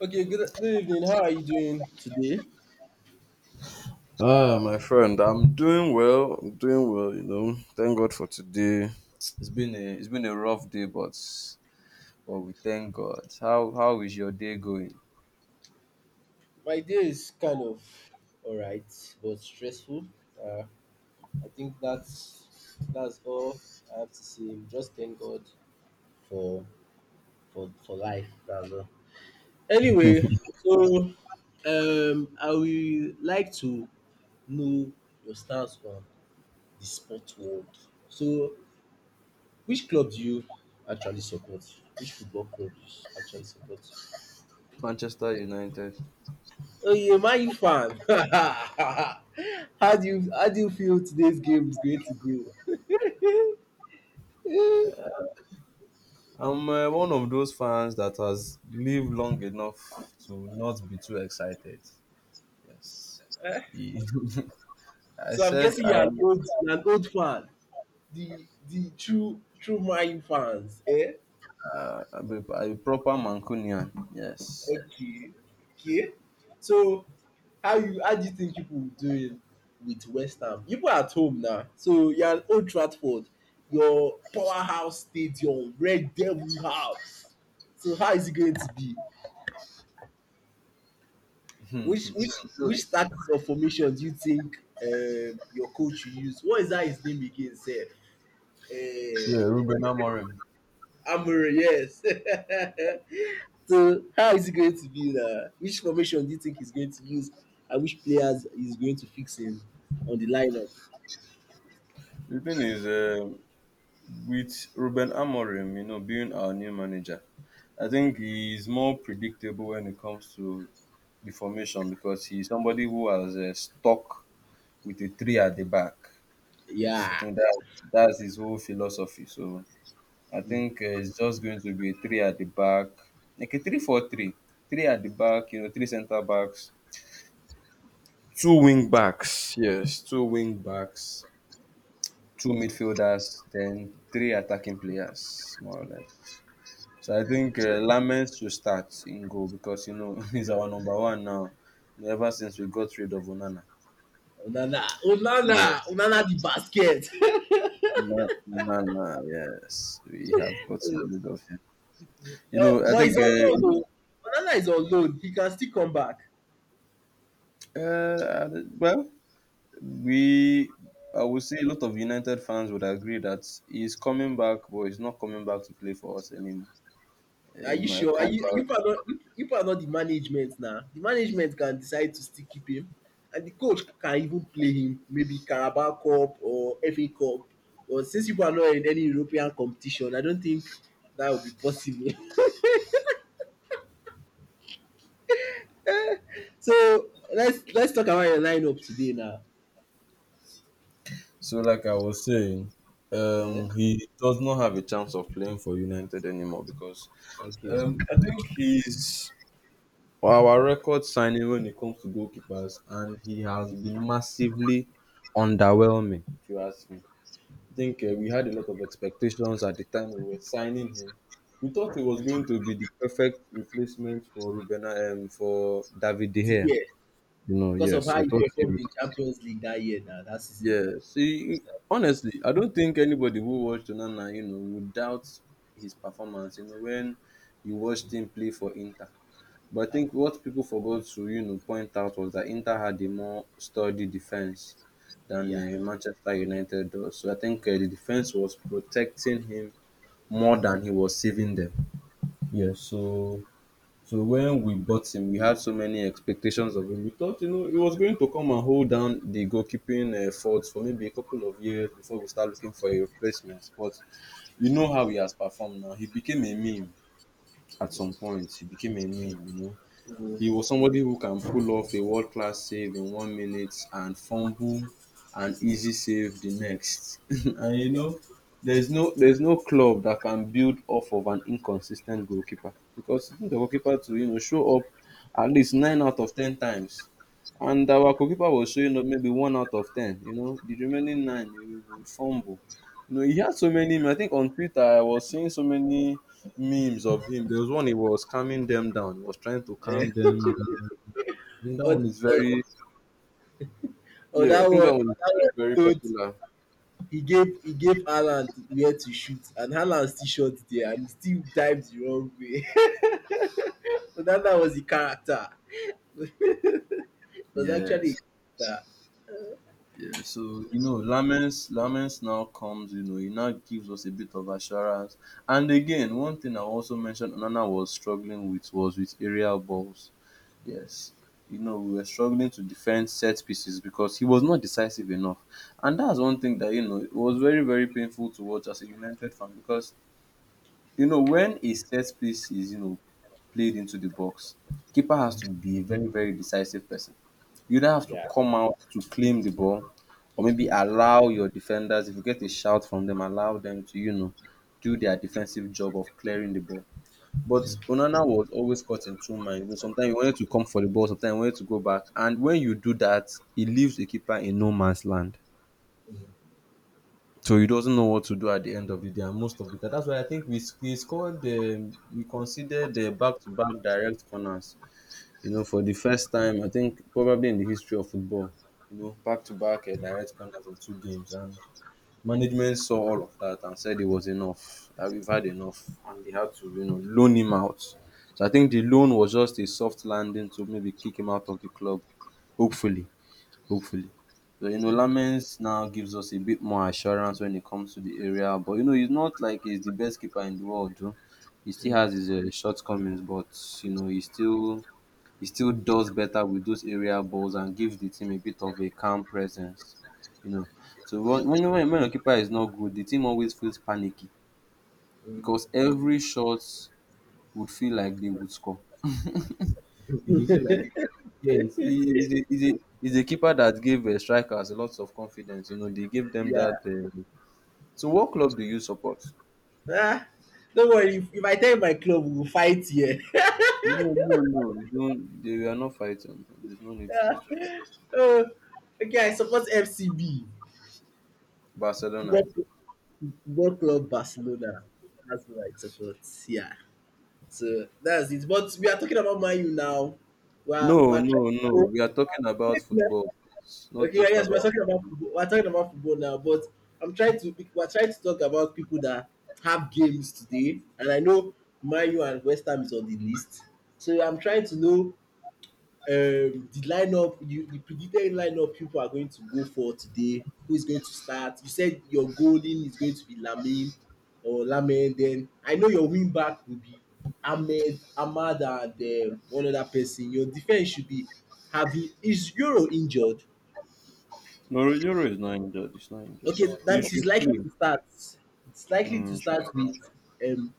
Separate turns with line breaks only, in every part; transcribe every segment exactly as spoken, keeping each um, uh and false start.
Okay, good, good evening. How are you doing today?
Ah, my friend, I'm doing well. I'm doing well, you know. Thank God for today. It's been a it's been a rough day, but but we thank God. How how is your day going?
My day is kind of all right, but stressful. Uh, I think that's that's all I have to say. Just thank God for for for life. That's all. Anyway, so um, I will like to know your stance on the sport world. So, which club do you actually support? Which football club do you actually support?
Manchester United.
Oh, you Man U fan. how do you how do you feel today's game is going to go?
I'm uh, one of those fans that has lived long enough to not be too excited. Yes. I
so I'm
said
guessing
I
you're an
am
old you're an old fan. The the true true Man U fans. Eh?
uh, a, a proper Mancunian. Yes.
Okay. Okay. So how you how do you think people will do it with West Ham? People are at home now. So you're an old Trafford, your powerhouse stadium, Red Devil House. So how is it going to be? Which which
So,
which tactics or formation do you think um, your coach will use? What is that his name again? Sir, uh,
yeah, Ruben Amorim.
Amore, yes. so how is it going to be? Now? Which formation do you think he's going to use, and which players he's going to fix him on the lineup?
The thing is, um with Ruben Amorim, you know, being our new manager, I think he's more predictable when it comes to the formation because he's somebody who has uh, stuck with a three at the back. Yes, I
Yeah,
think that that's his whole philosophy. So I
mm.
think uh, it's just going to be a three at the back, like a three four three, three three at the back. You know, three centre backs, two wing backs. Yes, two wing backs, two midfielders, then three attacking players, more or less. So I think uh, Lamens should start in goal because you know he's our number one now. Ever since we got rid of Onana,
Onana, Onana,
yes,
Onana the basket.
Na- Onana, yes, we have gotten rid of him. You
uh,
know, I
but
think,
he's on loan though. Onana is on loan. He can still come back.
uh, uh, well, we, I would say a lot of United fans would agree that he's coming back, but he's not coming back to play for us anymore. Uh,
Are
He
you
might
sure? Are
come
you you
back.
are not you, you are not the management now. The management can decide to still keep him, and the coach can even play him maybe Carabao Cup or F A Cup. But since people are not in any European competition, I don't think that would be possible. so let's let's talk about your lineup today now.
So, like I was saying,
Eh?
um, he does not have a chance of playing for United anymore because
Okay,
Um, I think he's well, our record signing when it comes to goalkeepers, and he has been massively underwhelming, if you ask me. I think uh, we had a lot of expectations at the time we were signing him. We thought he was going to be the perfect replacement for Ruben um, for David De
the
Gea.
year
You know,
because of
yes,
how
we
you
thought he.
performed
would-
in Champions League that year now that season.
Yeah, see, honestly, I don't think anybody who watched Onana, you know, would doubt his performance. You know, when you watched him play for Inter. But I think what people forgot to, you know, point out was that Inter had a more sturdy defense than
Yeah.
uh, Manchester United does. So I think uh, the defense was protecting him more than he was saving them. Yeah. So so when we bought him, we had so many expectations of him. We thought, you know, he was going to come and hold down the goalkeeping uh, fort for maybe a couple of years before we start looking for a replacement. But you know how he has performed now. He became a meme at some point. He became a meme. You know,
So,
he was somebody who can pull off a world class save in one minute and fumble an easy save the next. And you know, there's no there's no club that can build off of an inconsis ten t goalkeeper because you need your goalkeeper to, you know, show up at least nine out of ten times. And our goalkeeper was showing up maybe one out of ten. You know, the remaining nine he would fumble. You know, he had so many. I think on Twitter I was seeing so many memes of him. There was one he was calming them down. He was trying to
eh,
calm them down. I think that
on,
one is
on,
very
on
yeah. I
that one,
think
on
that one is
that one,
very, very
don't
popular.
he gave he gave Haaland where to shoot, and Haaland still shot there and he still dived the wrong way. So that that was the character. It was actually a
Yes.
character.
Yeah, so you know, Lamens Lamens now comes, you know, he now gives us a bit of assurance. And again, one thing I also mentioned Onana was struggling with was with aerial balls. Yes. You know, we were struggling to defend set pieces because he was not decisive enough. And that's one thing that, you know, it was very, very painful to watch as a United fan. Because you know, when a set piece is, you know, played into the box, keeper has to be a very, very decisive person. You either have to come out to claim the ball or maybe allow your defenders, if you get a shout from them, allow them to, you know, do their defensive job of clearing the ball. But Onana was always caught in two minds. You know, sometimes he wanted to come for the ball, sometimes he wanted to go back. And when you do that, it leaves the keeper in no man's land. So he doesn't know what to do at the end of the day, and most of the time, that's why I think we s- we scored um, we considered the back to back direct corners. You know, for the first time, I think probably in the history of football, you know, back to back direct corners in two games, and management saw all of that and said it was enough, that we've had enough, and they had to, you know, loan him out. So I think the loan was just a soft landing to maybe kick him out of the club, hopefully. Hopefully. So, you know, Lamens now gives us a bit more assurance when it comes to the area. But, you know, he's not like he's the best keeper in the world. Though. He still has his uh, shortcomings, but, you know, he still He still does better with those area balls and gives the team a bit of a calm presence. You know, so when, when, when when your keeper is not good, the team always feels panicky because every shot would feel like they would score. It will be like it. Yes, he he's a he's a he's a keeper that gave uh, strikers lots of confidence. You know, they gave them
Yeah.
that. Uh, so, what club do you support?
Ah, don't worry. If, if I tell you my club, we'll fight here.
No, no, no. you don't, they we are not fighting. There's no need for us to fight.
oh, okay, I support F C B.
Barcelona.
Football, Football Club Barcelona. That's what I support. Yeah. So that's it. But we are talking about Man U now. We're,
No,
we're trying
no,
to
no.
go.
We are talking about
Wait,
football. It's
okay,
not
yeah,
just
yes, we're
about.
talking about football. We're talking about football now, but I'm trying to pick- we're trying to talk about people that have games today, and I know Man U and West Ham is on the list. So I'm trying to know um, the lineup, you, the predicted lineup people are going to go for today. Who is going to start? You said your goalie is going to be Lamine or Lamine. Then I know your wing back will be Ahmed, Ahmad, and uh, one other person. Your defense should be. Have you, is Euro injured?
No, Euro is not injured. It's not injured.
Okay,
It's,
that
he
means it's
should
likely
play.
to start. It's likely
Mm,
to
he should-
start with um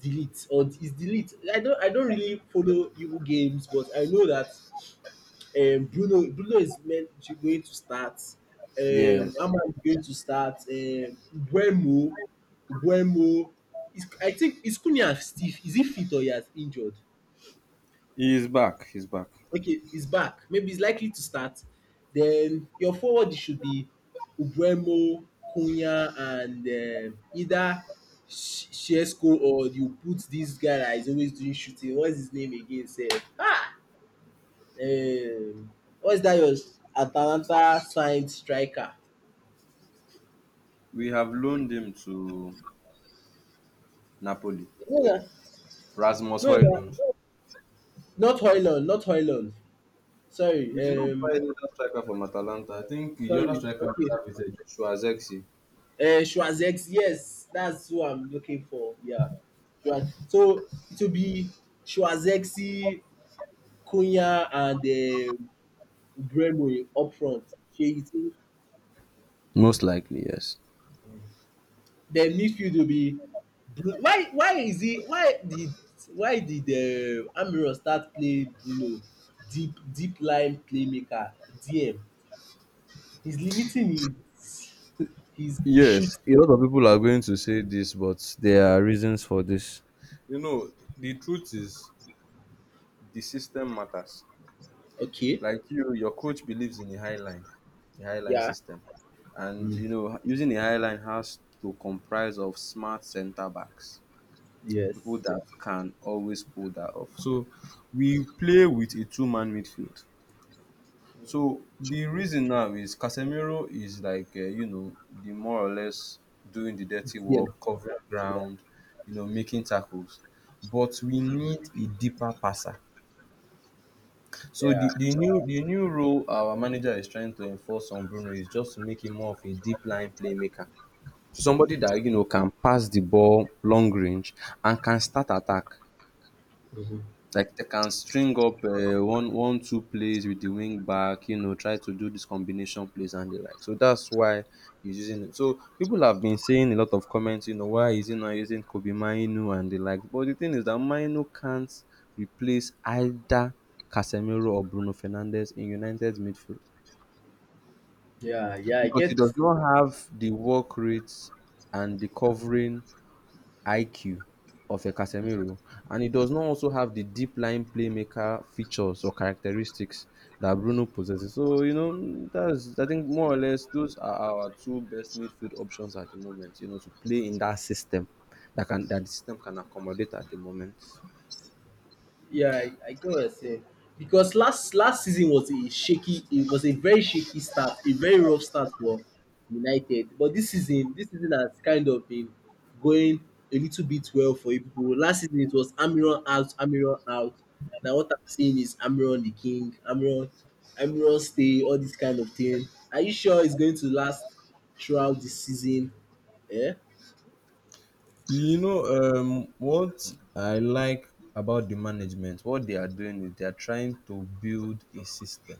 delete or is delete. I don't I don't really follow Evo games, but I know that um Bruno Bruno is meant to going to start. Um
Yes,
Aman is going to start. Um Buemo Buemo is I think is Kunia still is he fit or he has injured?
he is back. He's back.
Okay, he's back. Maybe he's likely to start. Then your forward should be Ubuemo, Cunha, and um either Sh- Shesko or you put this guy that is always doing shooting. What's his name again? Sir? Um, what's that? Your Atalanta signed striker?
We have loaned him to Napoli.
No, no,
Rasmus
no, no.
Højlund.
Not Hoyland, not Hoyland.
We did not
Sorry,
buy
um,
another striker from Atalanta. I think the other
sorry.
striker we
Okay,
have is uh, Joshua Zexi.
Uh, Schwarzex, yes, that's who I'm looking for. Yeah. Schwar- So it will be Schwarzexi, Cunha, and um Bremo up front. Shey you think?
Most likely, yes.
Then midfield will be Bru- why why is he why did why did uh, Amiro start play Bruno deep deep line playmaker D M? He's limiting his his
Yes,
shooting.
a lot of people are going to say this, but there are reasons for this. You know, the truth is the system matters.
Okay.
Like you, your coach believes in the high line, the high line
Yeah.
system. And
Mm.
you know, using the high line has to comprise of smart center backs, people
Yes.
that can always pull that off. So we play with a two man midfield. So the reason now is Casemiro is like uh, you know, the more or less doing the dirty
D M.
work, covering
Yeah.
ground, you know, making tackles. But we need a deeper passer. So
Yeah.
the, the new the new role our manager is trying to enforce on Bruno is just to make him more of a deep line playmaker. Somebody that, you know, can pass the ball long range and can start attack.
Mhm.
Like they can string up uh, one one two plays with the wing back, you know, try to do this combination plays and the like. So that's why he's using it. So people have been saying a lot of comments, you know, why is he not using Kobe Mainu and the like. But the thing is that Mainu can't replace either Casemiro or Bruno Fernandes in United's midfield
Yeah, yeah, I
because he
get.
does not have the work rates and the covering I Q of a Casemiro, and he does not also have the deep lying playmaker features or characteristics that Bruno possesses. So you know that's, I think, more or less those are our two best midfield options at the moment. You know, to play in that system that can that the system can accommodate at the moment.
Yeah, I, I get what you're saying. Because last last season was a shaky. It was a very shaky start, a very rough start for United. But this season, this season has kind of been going a little bit well for you people. Last season it was Amiron out, Amiron out. Now what I'm seeing is Amiron the king, Amiron, Amiron stay, all this kind of thing. Are you sure it's going to last throughout the season? Yeah.
You know, um, what I like about the management, what they are doing is they are trying to build a system.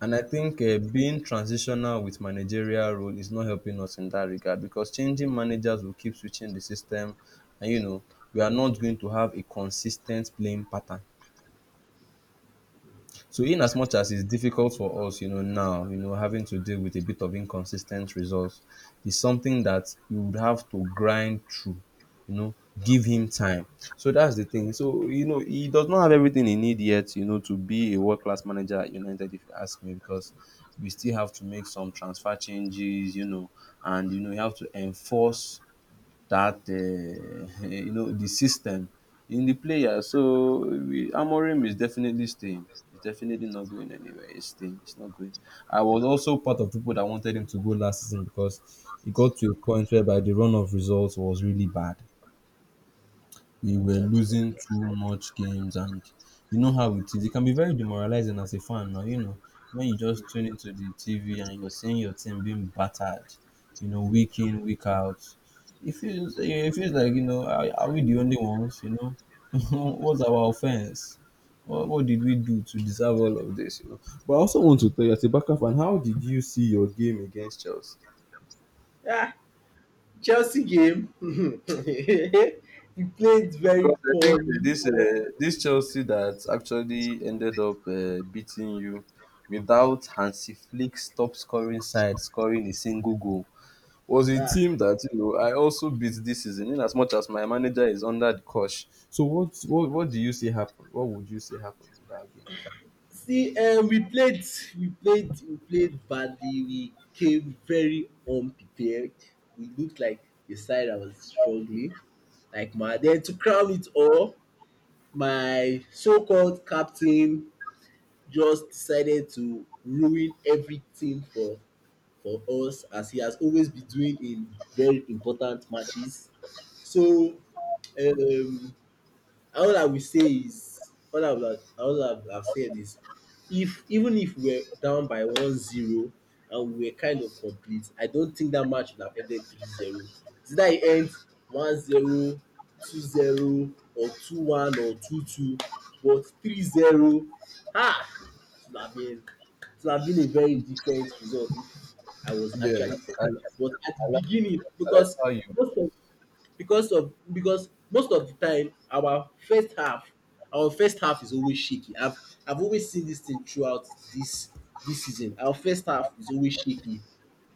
And I think uh, being transitional with managerial role is not helping us in that regard because changing managers will keep switching the system, and you know we are not going to have a consistent playing pattern. So in as much as it's difficult for us, you know, now, you know, having to deal with a bit of inconsistent results, is something that you would have to grind through, you know, give him time. So that's the thing. So, you know, he does not have everything he needs yet, you know, to be a world class manager at United, if you ask me, because we still have to make some transfer changes, you know, and you know, you have to enforce that um you know the system in the player. So we- Amorim is definitely staying. He's definitely not going anywhere. He's staying. He's not going. I was also part of people that wanted him to go last season, because it got to a point whereby the run of results was really bad. We were losing too much games, and you know how it is. It can be very demoralizing as a fan now, you know, when you just tune into the T V and you're seeing your team being battered, you know, week in, week out. It feels it feels like, you know, are, are we the only ones, you know? What's our offense? What, what did we do to deserve all of this, you know? But I also want to tell you as a Barca fan, how did you see your game against Chelsea?
Yeah. Chelsea game, we played very
Because I think
poorly.
uh, this uh, this Chelsea that actually ended up uh, beating you without Hansi Flick's top scoring side scoring a single goal was a
Ah,
team that you know I also beat this season, in as much as my manager is under the cosh. So what what what do you see happened? What would you say happened in that game?
see, um, we played, we played, we played badly. We came very unprepared. We looked like the side that was struggling, like my. Then to crown it all, my so-called captain just decided to ruin everything for for us as he has always been doing in very important matches. So um all I will say is all I would have, all I would have said is if even if we were down by 1-0 and we were kind of complete, I don't think that match would have ended 3-0. It's either it ends 1-0, 2-0, or two one or two two, but 3-0, ah, it would have been, it would have been a very different result if I was
Yes,
actually complete.
I, I,
But at the
like,
beginning,
I like
because
how you.
most of because of because most of the time our first half our first half is always shaky. I've I've always seen this thing throughout this this season. Our first half is always shaky,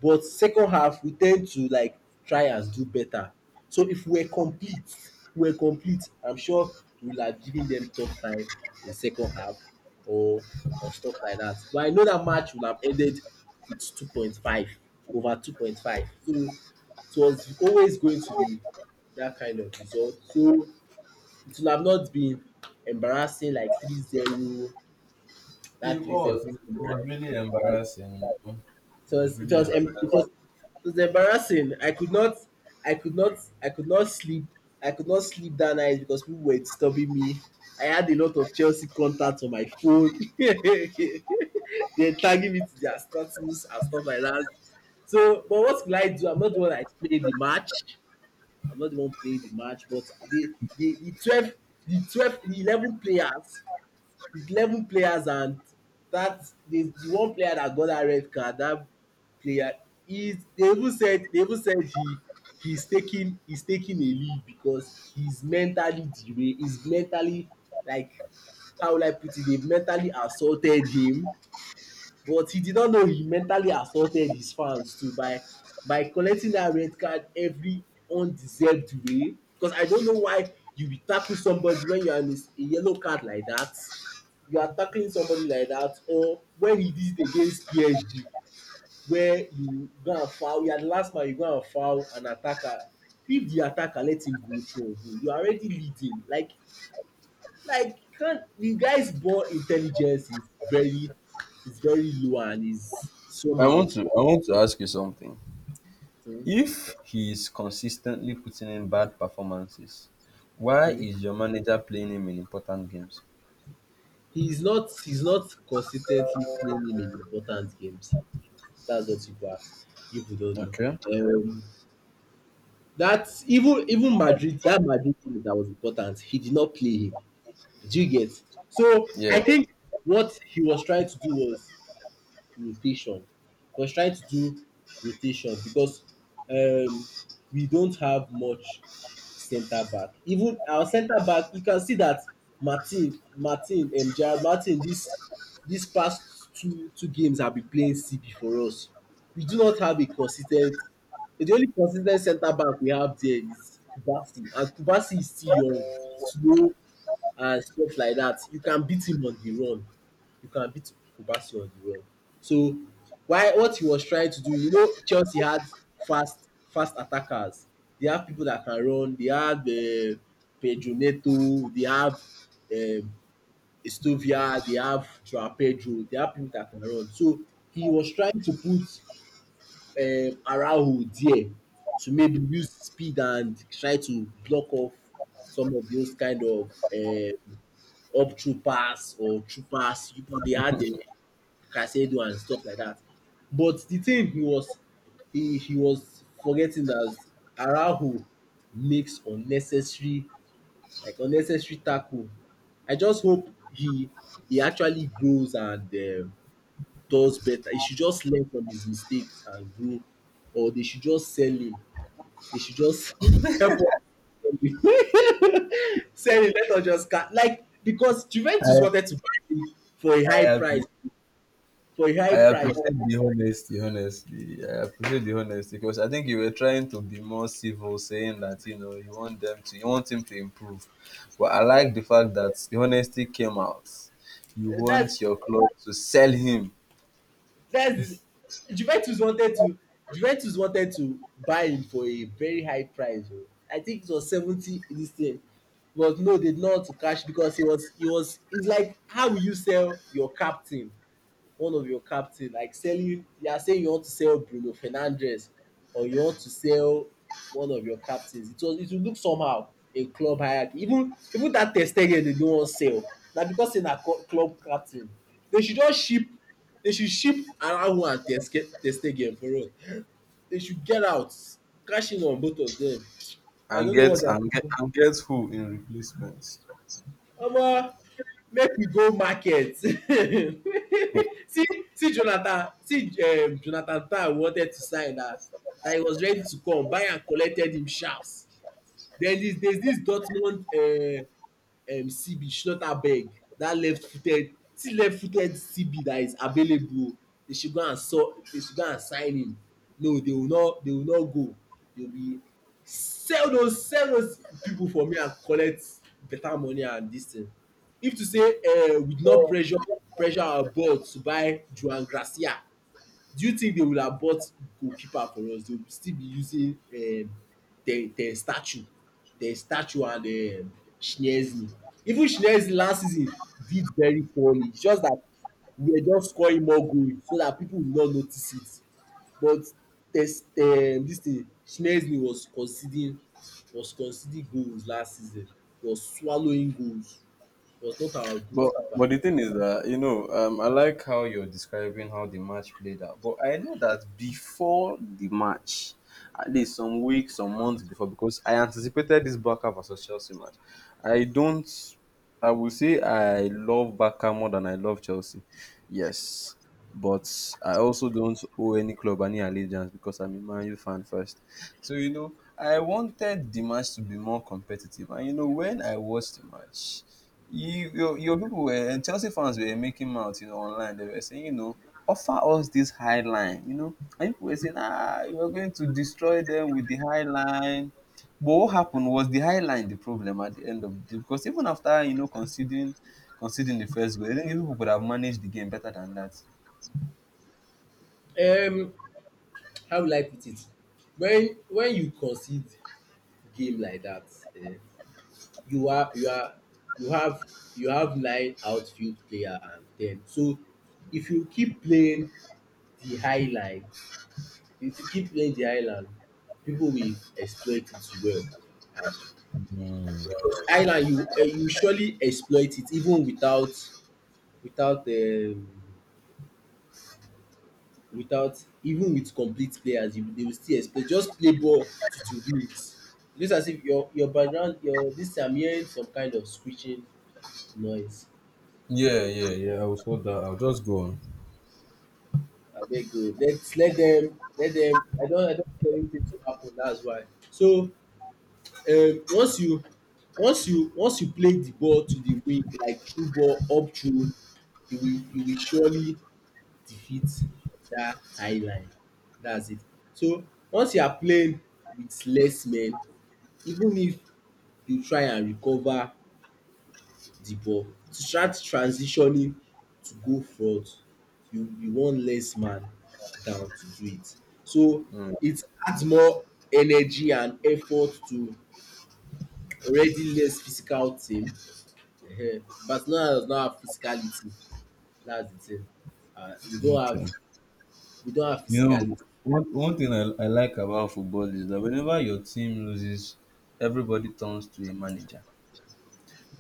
but second half we tend to like try and do better. So if we're complete, we're complete. I'm sure we'll have given them tough time in second half, or or stuff like that. But I know that match will have ended with two point five, over two point five. So it was always going to be that kind of result. So it will have not been embarrassing like three zero,
It
that three zero,
was. It,
0
was really
like
embarrassing. You know?
it
It was
was it
really.
was
embarrassing.
em- it was it was embarrassing. I could not I could not I could not sleep. I could not sleep that night because people were disturbing me. I had a lot of Chelsea contacts on my phone. They're tagging me to their status and stuff like that. So, but what could I do? I'm not the one that played the match. I'm not the one playing the match, but the the, the twelve, the twelve, the eleven players, the eleven players, and that the, the one player that got that red card, that player, is they even said they even said he he's taking he's taking a leave because he's mentally derailed, he's mentally like how will I put it, they mentally assaulted him, but he did not know he mentally assaulted his fans too by by collecting that red card every undeserved way. Because I don't know why you will tackle somebody when you are in a, s- a yellow card like that, you are tackling somebody like that. Or when he did it against P S G, where you go and foul, you are the last man, you go and foul an attacker. If the attacker let him go through on goal, you are already leading. like like can't the guy's born intelligence is very is very low and is
I
somehow
want to I want to ask you something.
mm,
If he is consistently putting in bad performances, why
mm,
is your manager playing him in important games?
he is not he's not consistently playing in important games. That's what people are people don't know.
Okay.
Um, that's even even Madrid that Madrid game that was important. He did not play him. Do you get? So I
Yeah.
think what he was trying to do was rotation. He was trying to do rotation because um, we don't have much centre back. Even our centre back, you can see that Martin, Martin, um, Gerald Martin, this this past two two games have been playing C B for us. We do not have a consis ten t. The only consis ten t centre back we have there is Kubasi, and Kubasi is still young, slow, and stuff like that. You can beat him on the run. You can beat Obasi on the run. So why what he was trying to do, you know, Chelsea had fast fast attackers. They have people that can run. They have uh, Pedro Neto. They have um, Estovia. They have Joao Pedro. They have people that can run. So he was trying to put um, Araujo there to maybe use speed and try to block off some of those kind of uh, up troopers or troopers people they had, the Casedo and stuff like that. But the thing he was he, he was forgetting that Araujo makes unnecessary, like unnecessary tackle. I just hope he he actually grows and um does better. He should just learn from his mistakes and grow, or they should just sell him. They should just help us. Saying let us just cut like because Juventus
I
wanted to buy him for a high
I, appre-
price, for a high
I
price.
appreciate the honesty, honestly. I appreciate the honesty because I think you were trying to be more civil, saying that you know you want them to you want him to improve. But I like the fact that the honesty came out. You
Uh, That's
want your club to sell him
that's Juventus wanted to Juventus wanted to buy him for a very high price. Oh. I think it was seventy this thing, but no, they did not to cash, because he was he was it's like how will you sell your captain, one of your captain, like selling? You are saying you want to sell Bruno Fernandez, or you want to sell one of your captains. It was it will look somehow in club hierarchy. Even even that Ter Stegen, they no wan sell na because say na co- club captain. They should just ship, they should ship Araujo and Ter Ske- Ter Stegen for us. They should get out, cash in on both of them. I
and
don't know what
get
they are.
and get and get who in replacement.
Omo, make we go market.
Hmm.
See, see jonathan see um Jonathan Tah wanted to sign that that he was ready to come buy am, collected him sharps. Then this there's this Dortmund um um C B, Schlotterberg, that left footed, see, left footed C B that is available o. They should go and saw, they should go and sign him. No, they will not, they will not go. They will be sell those sell those people for me and collect better money and this thing. If to say um we did not pressure pressure our board to buy Juan Gracia, do you think they will abort goalkeeper for us? They will still be using um Ter Ter Stachio, Ter Stachio, and um Chiesa. Even Chiesa last season did very poorly. It's just that we were just scoring more goals so that people would not notice it. But Ter Ter this thing Chiesa was conceding was conceding goals last season, was swallowing goals, was not our good
But
keeper.
but the thing is that you know, um, I like how you're describing how the match played out. But I know that before the match, at least some weeks, some months before, because I anticipated this Barca versus Chelsea match. I don't. I will say I love Barca more than I love Chelsea. Yes, but I also don't owe any club any allegiance because I'm a Man U fan first. So you know, I wanted the match to be more competitive, and you know, when I watched the match, you, your, your people were and Chelsea fans were making out, you know, online. They were saying, you know, offer us this high line, you know. And people were saying, ah, you are going to destroy them with the high line. But what happened was the high line, the problem at the end of the, because even after you know conceding conceding the first goal, I think people could have managed the game better than that.
Um how will I put it? When when you concede game like that, eh, you are, you are you have you have nine outfield player and ten. So if you keep playing the high line, if you keep playing the high line, people will exploit it well. And high line you, uh, you surely exploit it, even without, without um, without, even with complete players, you, they will still exploit. Just play ball to to win it. Just as if your, your background your this thing, I'm hearing some kind of screeching noise.
Yeah, yeah, yeah. I will sort that. I'll just go on.
Abeg o, let let dem let dem. I don I don tell you things go happen, dats why. So um once you once you once you play the ball to the wing, like through ball up through, you will you will surely defeat dat high line, dats it. So once you are playing with less men, even if you try and recover the ball to start transitioning to go front, you you want less man down to do it. So
Mm.
it adds more energy and effort to already less physical team. Ehen, Barcelona does not have physicality, that's the thing. um we don't have
Okay.
we don't have
You know,
physicality.
one, one thing I, I like about football is that whenever your team loses, everybody turns to a manager.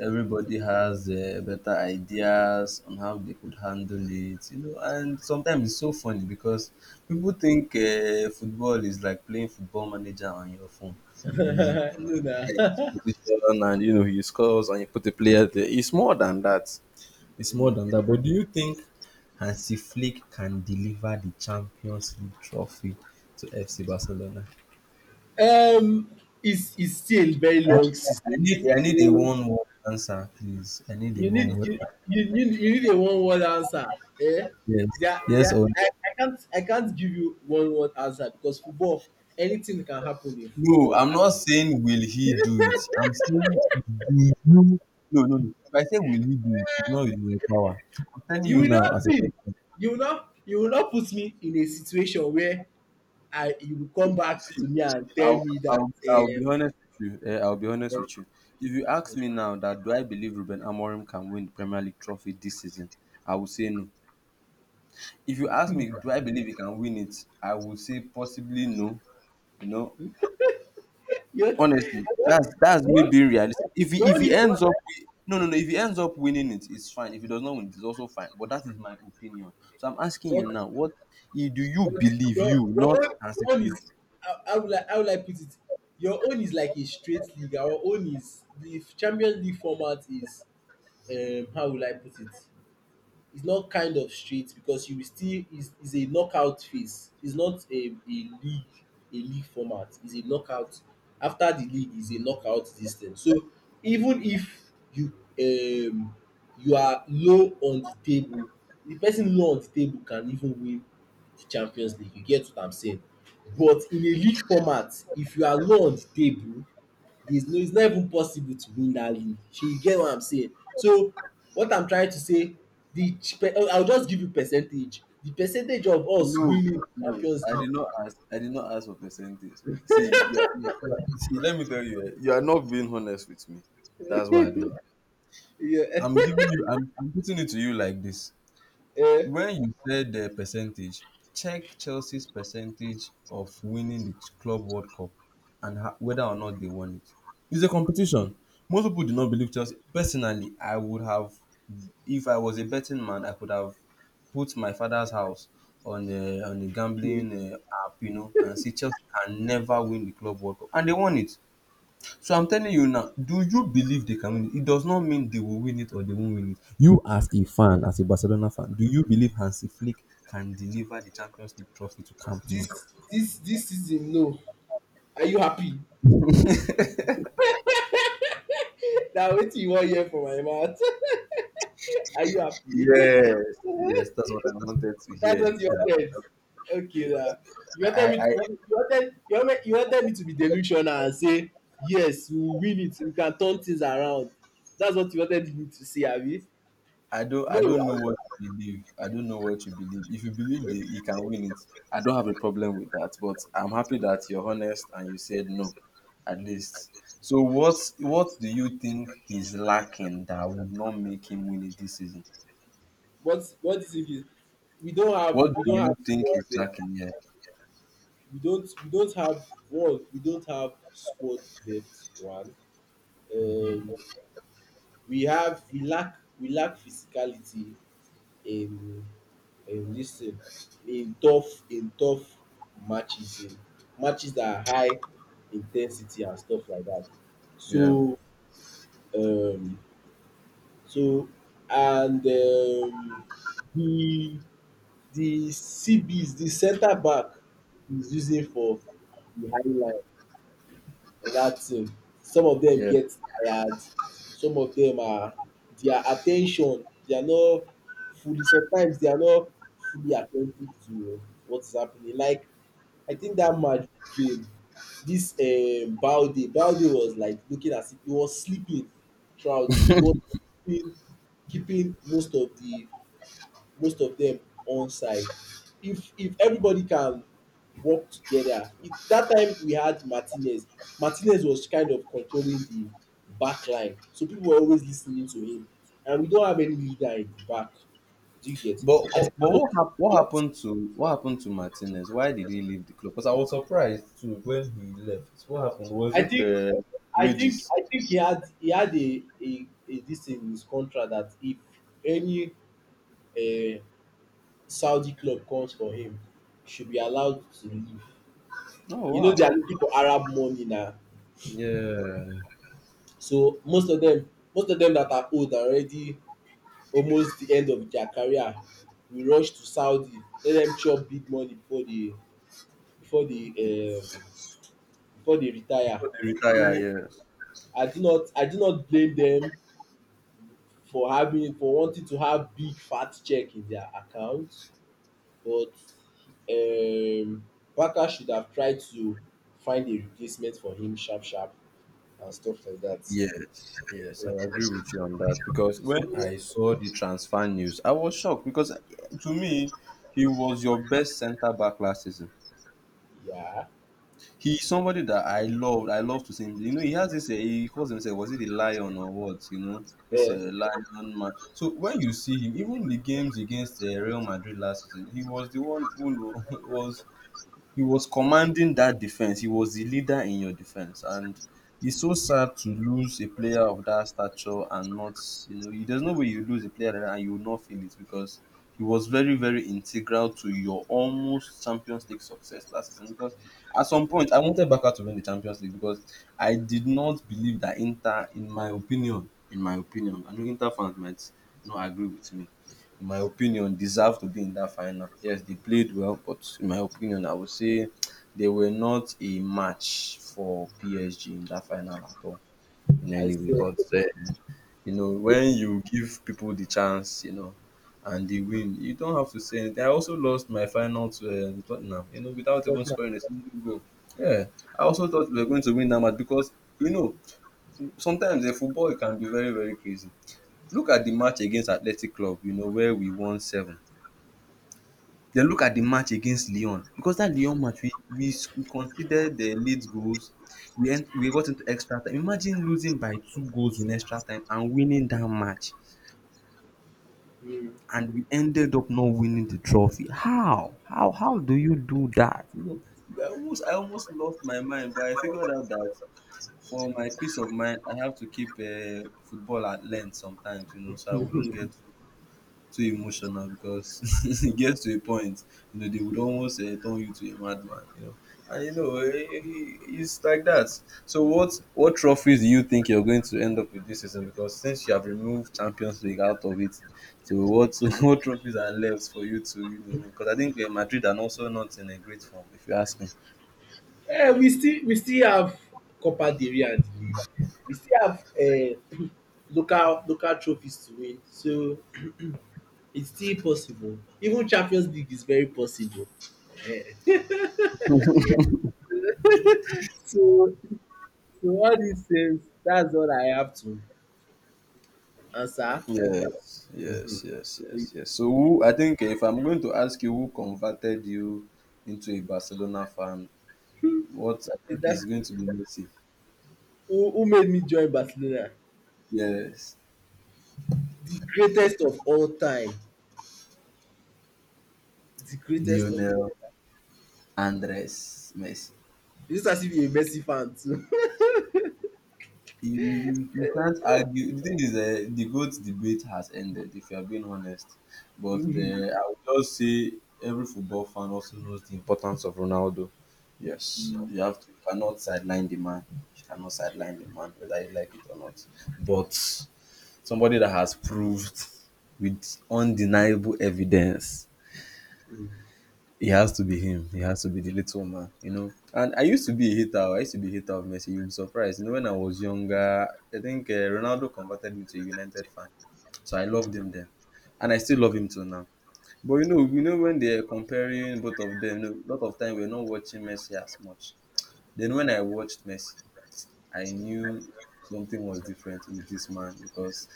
Everybody has uh, better ideas on how they could handle it, you know. And sometimes it's so funny because people think uh, football is like playing football manager on your phone. You know, you
No na.
play at this position and you know he scores and you put a player there. It's more than that. It's more than that. But do you think Hansi Flick can deliver the Champions League trophy to F C Barcelona?
um it's it's still a very
I,
long
I
season.
need I need a
So
one word answer, please. I need a
You need
one word.
you,
answer.
you you, you need a one word answer. Eh?
Yes,
There,
yes
there,
or no?
I, I can't I can't give you one word answer, because football anything can happen in
No,
football.
I'm not saying will he do it. I'm saying do you? No, no, no. If I say will he do it, it's not with my power. I'm telling
You
you
will not
now. as a
see, you will not you will not put me in a situation where I you will come back
See,
to me and tell
I'll,
me that
I'll, I'll be
uh,
honest with you. eh, I'll be honest
uh,
with you. If you ask me now that do I believe Ruben Amorim can win the Premier League trophy this season, I will say no. If you ask me, do I believe he can win it? I will say possibly no. You know,
you,
honestly, that's that's
you,
me
you,
being realistic. If
you
he if he
only,
ends up wi- No, no, no, if he ends up winning it, it's fine. If he does not win, it's also fine. But that is my opinion. So I'm asking you
but
now, what i- do you
But
believe?
your
You
your
not
own
as a.
your own is how, how will I how will I put it? Your own is like a straight league. Our own is The Champions League format is, um how will I put it? It's not kind of straight, because you will still, is is a knockout phase. It's not a a league a league format. It's a knockout. After the league is a knockout, this thing. So even if you, um you are low on the table, the person low on the table can even win the Champions League. You get what I'm saying? But in a league format, if you are low on the table, there's no, it's not even possible to win dat league. Shey you get what I'm saying? So what I'm trying to say, the I will just give you percentage. The percentage of us
No,
winning
no,
Champions
I
League,
did not ask. I did not ask for percentage. See, you are, you are, you are- See, let me tell you, eh, you are not being honest with me. That's why I don't.
yeah.
I'm giving you. I'm, I'm putting it to you like this.
um
When you said the percentage, check Chelsea's percentage of winning the Club World Cup and ha- whether or not they won it. It's a competition. Most people do not believe Chelsea. Personally, I would have, if I was a betting man, I could have put my father's house on the on the gambling uh, app, you know, and see Chelsea can never win the Club World Cup, and they won it. So I'm telling you now, do you believe they can win it? It does not mean they will win it or they won't win it. You, as a fan, as a Barcelona fan, do you believe Hansi Flick can deliver the Champions League trophy to Camp
dis
Nou?
dis Dis season, no. Are you happy? Na wetin you wan hear from my mouth. Are you happy?
Yes, yes, that's what I wanted to
That's
hear.
what you wanted. Okay,
Yes,
now you wanted
I,
me to
I
you you wanted you wanted you wanted me to be delusional and say yes we will win it, we can turn things around. That's what you wanted me to say, abi?
I don't
No,
I don't know
abi.
what you believe. I don't know what you believe. If you believe that he can win it, I don't have a problem with that. But I'm happy that you're honest and you said no, at least. So what what do you think he's lacking that would not make him win it this season?
What what the thing is, we don't have
What
we
do
don't have
you think
squad
he's
depth.
lacking
We don't we don't have one. We don't have squad depth. One. Um,
here?
we have we lack we lack physicality in in this thing, in tough in tough matches, in matches that are high intensity and stuff like that.
Yeah,
So um so and um the the C Bs, the centre back is using for the high line, that thing. Some of them
yeah.
get tired, some of them are their at ten tion, they are not fully, sometimes they are not fully attentive to what is happening. Like I think that match game, this um Balde, Balde was like looking as if he was sleeping throughout the he was keeping keeping most of the most of them on side. If if everybody can work together, it, that time we had Martinez. Martinez was kind of controlling the back line, so people were always listening to him, and we don't have any leader in the back. Do you get?
But
I
but,
think that
but
was
what hap- what
what
happened to what happened to Martinez? Why did he leave the club? Because I was surprised too when he left. What happened? Was
I
it
think.
uh,
I think
wages?
I think he had he had a a, a this in his contract, that if any, uh, Saudi club comes for him, he should be allowed to leave.
Oh
You know they are
wow.
looking for Arab money now,
Yeah.
so most of them most of them that are old are already almost the end of their career, will rush to Saudi, let them chop big money before they, before
Before
they um before they retire.
they retire,
so
yes.
i do not i do not blame them, for having for wanting to have big fat check in their account, but um Barca should have tried to find a replacement for him sharp sharp and stuff like that.
Yes, yes,
Uh,
I agree
uh.
with you on that because
So,
when I saw the transfer news, I was shocked because eh, to me, he was your best centre back last season.
yeah.
He's somebody that I loved. I love to see him. You know, he has this. Uh, he calls himself, was it the lion or what? You know, this
Yeah.
uh, lion man. So when you see him, even the games against uh, Real Madrid last season, he was the one who was he was commanding that defense. He was the leader in your defense, and it's so sad to lose a player of that stature and not, you know, there's no way you lose a player like that and you will not feel it, because he was very, very integral to your almost Champions League success last season. Because at some point, I wanted Barca to win the Champions League, because I did not believe that Inter, in my opinion, in my opinion, I know Inter fans might not agree with me. In my opinion, deserve to be in that final. Yes, they played well, but in my opinion, I would say they were not a match for P S G in that final at all in
I
any way.
say.
But uh, you know, when you give people the chance, you know, and they win, you don't have to say anything. I also lost my final to um, Tottenham, you know, without even scoring a single goal. Yeah, I also thought we were going to win that match because you know sometimes in football it can be very very crazy. Look at the match against Athletic Club, you know, where we won seven. Then look at the match against Lyon, because that Lyon match we we, s- we conceded the late goals. We ent- we got into extra time. Imagine losing by two goals in extra time and winning that match,
Mm.
and we ended up not winning the trophy. How? How? How that? You know, I almost I almost lost my mind, but I figured out that for my peace of mind, I have to keep uh, football at length sometimes. You know, so I wouldn't get too emotional because e get to a point you know they would almost um turn you to a madman, you know and you know um it's like that. So what what trophies do you think you're going to end up with this season, because since you have removed Champions League out of it, so what what trophies are left for you to you know win, because I think um Madrid are also not in a great form, if you ask me.
Eh, we still we still have Copa del Rey and the league. We still have um local local trophies to win, so it's still possible. Even Champions League is very possible. Eh so so all these things, that's all I have to answer.
Yes, yes,
Mhm.
yes,
So
yes, yes. So, who I think if I'm going to ask you who converted you into a Barcelona fan, what I
Is
think
that
is going to be Messi.
who who made me join Barcelona?
Yes,
The greatest of all time. The greatest of all.
Lionel Andres Messi.
It's as if you're a Messi fan too.
You, you, you can't argue. The thing is, uh, the GOAT debate has ended, if you are being honest. But uh,
Mm.
I would just say every football fan also knows the importance of Ronaldo. Yes, you have to. You cannot sideline the man. You cannot sideline the man, whether you like it or not. But somebody that has proved with undeniable evidence. He has to be him. He has to be the little man, you know. And I used to be a hater. I used to be a hater of Messi. You'll be surprised. You know, when I was younger, I think uh, Ronaldo converted me to a United fan. So I loved him then. And I still love him till now. But you know, you know when they're comparing both of them, you know, a lot of time we're not watching Messi as much. Then when I watched Messi, I knew something was different with this man because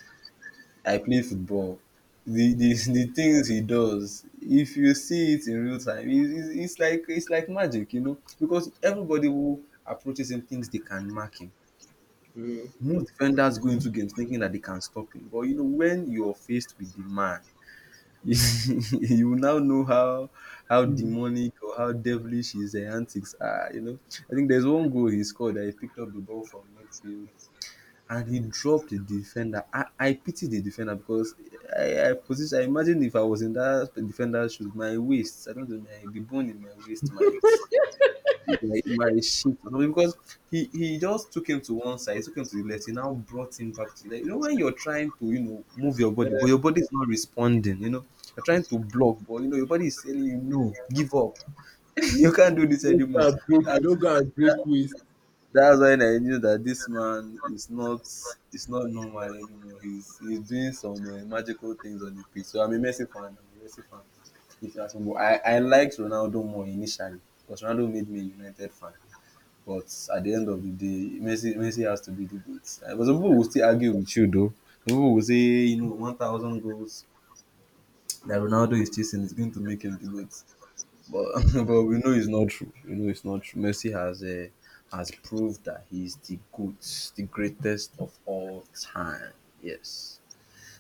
I play football. The, the The things he does, if you see it in real time, it, it, it's like it's like magic, you know, because everybody who approaches him thinks they can mark him.
Mm.
Most defenders go into games thinking that they can stop him, but you know when you're faced with the man, you will now know how how
Mm.
demonic or how devilish his uh, antics are. You know, I think there's one goal he scored that he picked up the ball from midfield and he dropped the defender. I, I pity the defender because I, I position. I imagine if I was in that defender's shoes, my waist, I don't know, my the bone in my waist might my, my shit or something because he he just took him to one side, took him to the left. He now brought him back to the left. You know when you're trying to you know move your
Uh,
body, but your body is not responding. You know you're trying to block, but you know your body is telling you no, give up. You can't do this
Don't go
anymore.
and break, don't go and break waist.
That's when I knew that this man is not is not normal anymore. He's he's doing some uh, magical things on the pitch. So I'm a Messi fan. I'm a Messi fan. If you ask me, but I I liked Ronaldo more initially because Ronaldo made me a United fan. But at the end of the day, Messi Messi has to be the goat. Uh, But some people will still argue with you though. Some people will say you know one thousand goals that Ronaldo is chasing is going to make him the goat. But But we know it's not true. We know it's not true. Messi has uh, has proved that he's the goat, the greatest of all time. Yes.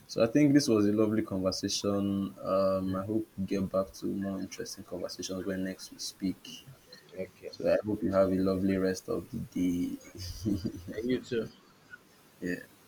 So I think this was a lovely conversation. Um, I hope we get back to more interesting conversations when next we speak.
Okay.
So I hope you have a lovely rest of the day.
And you too.
Yeah.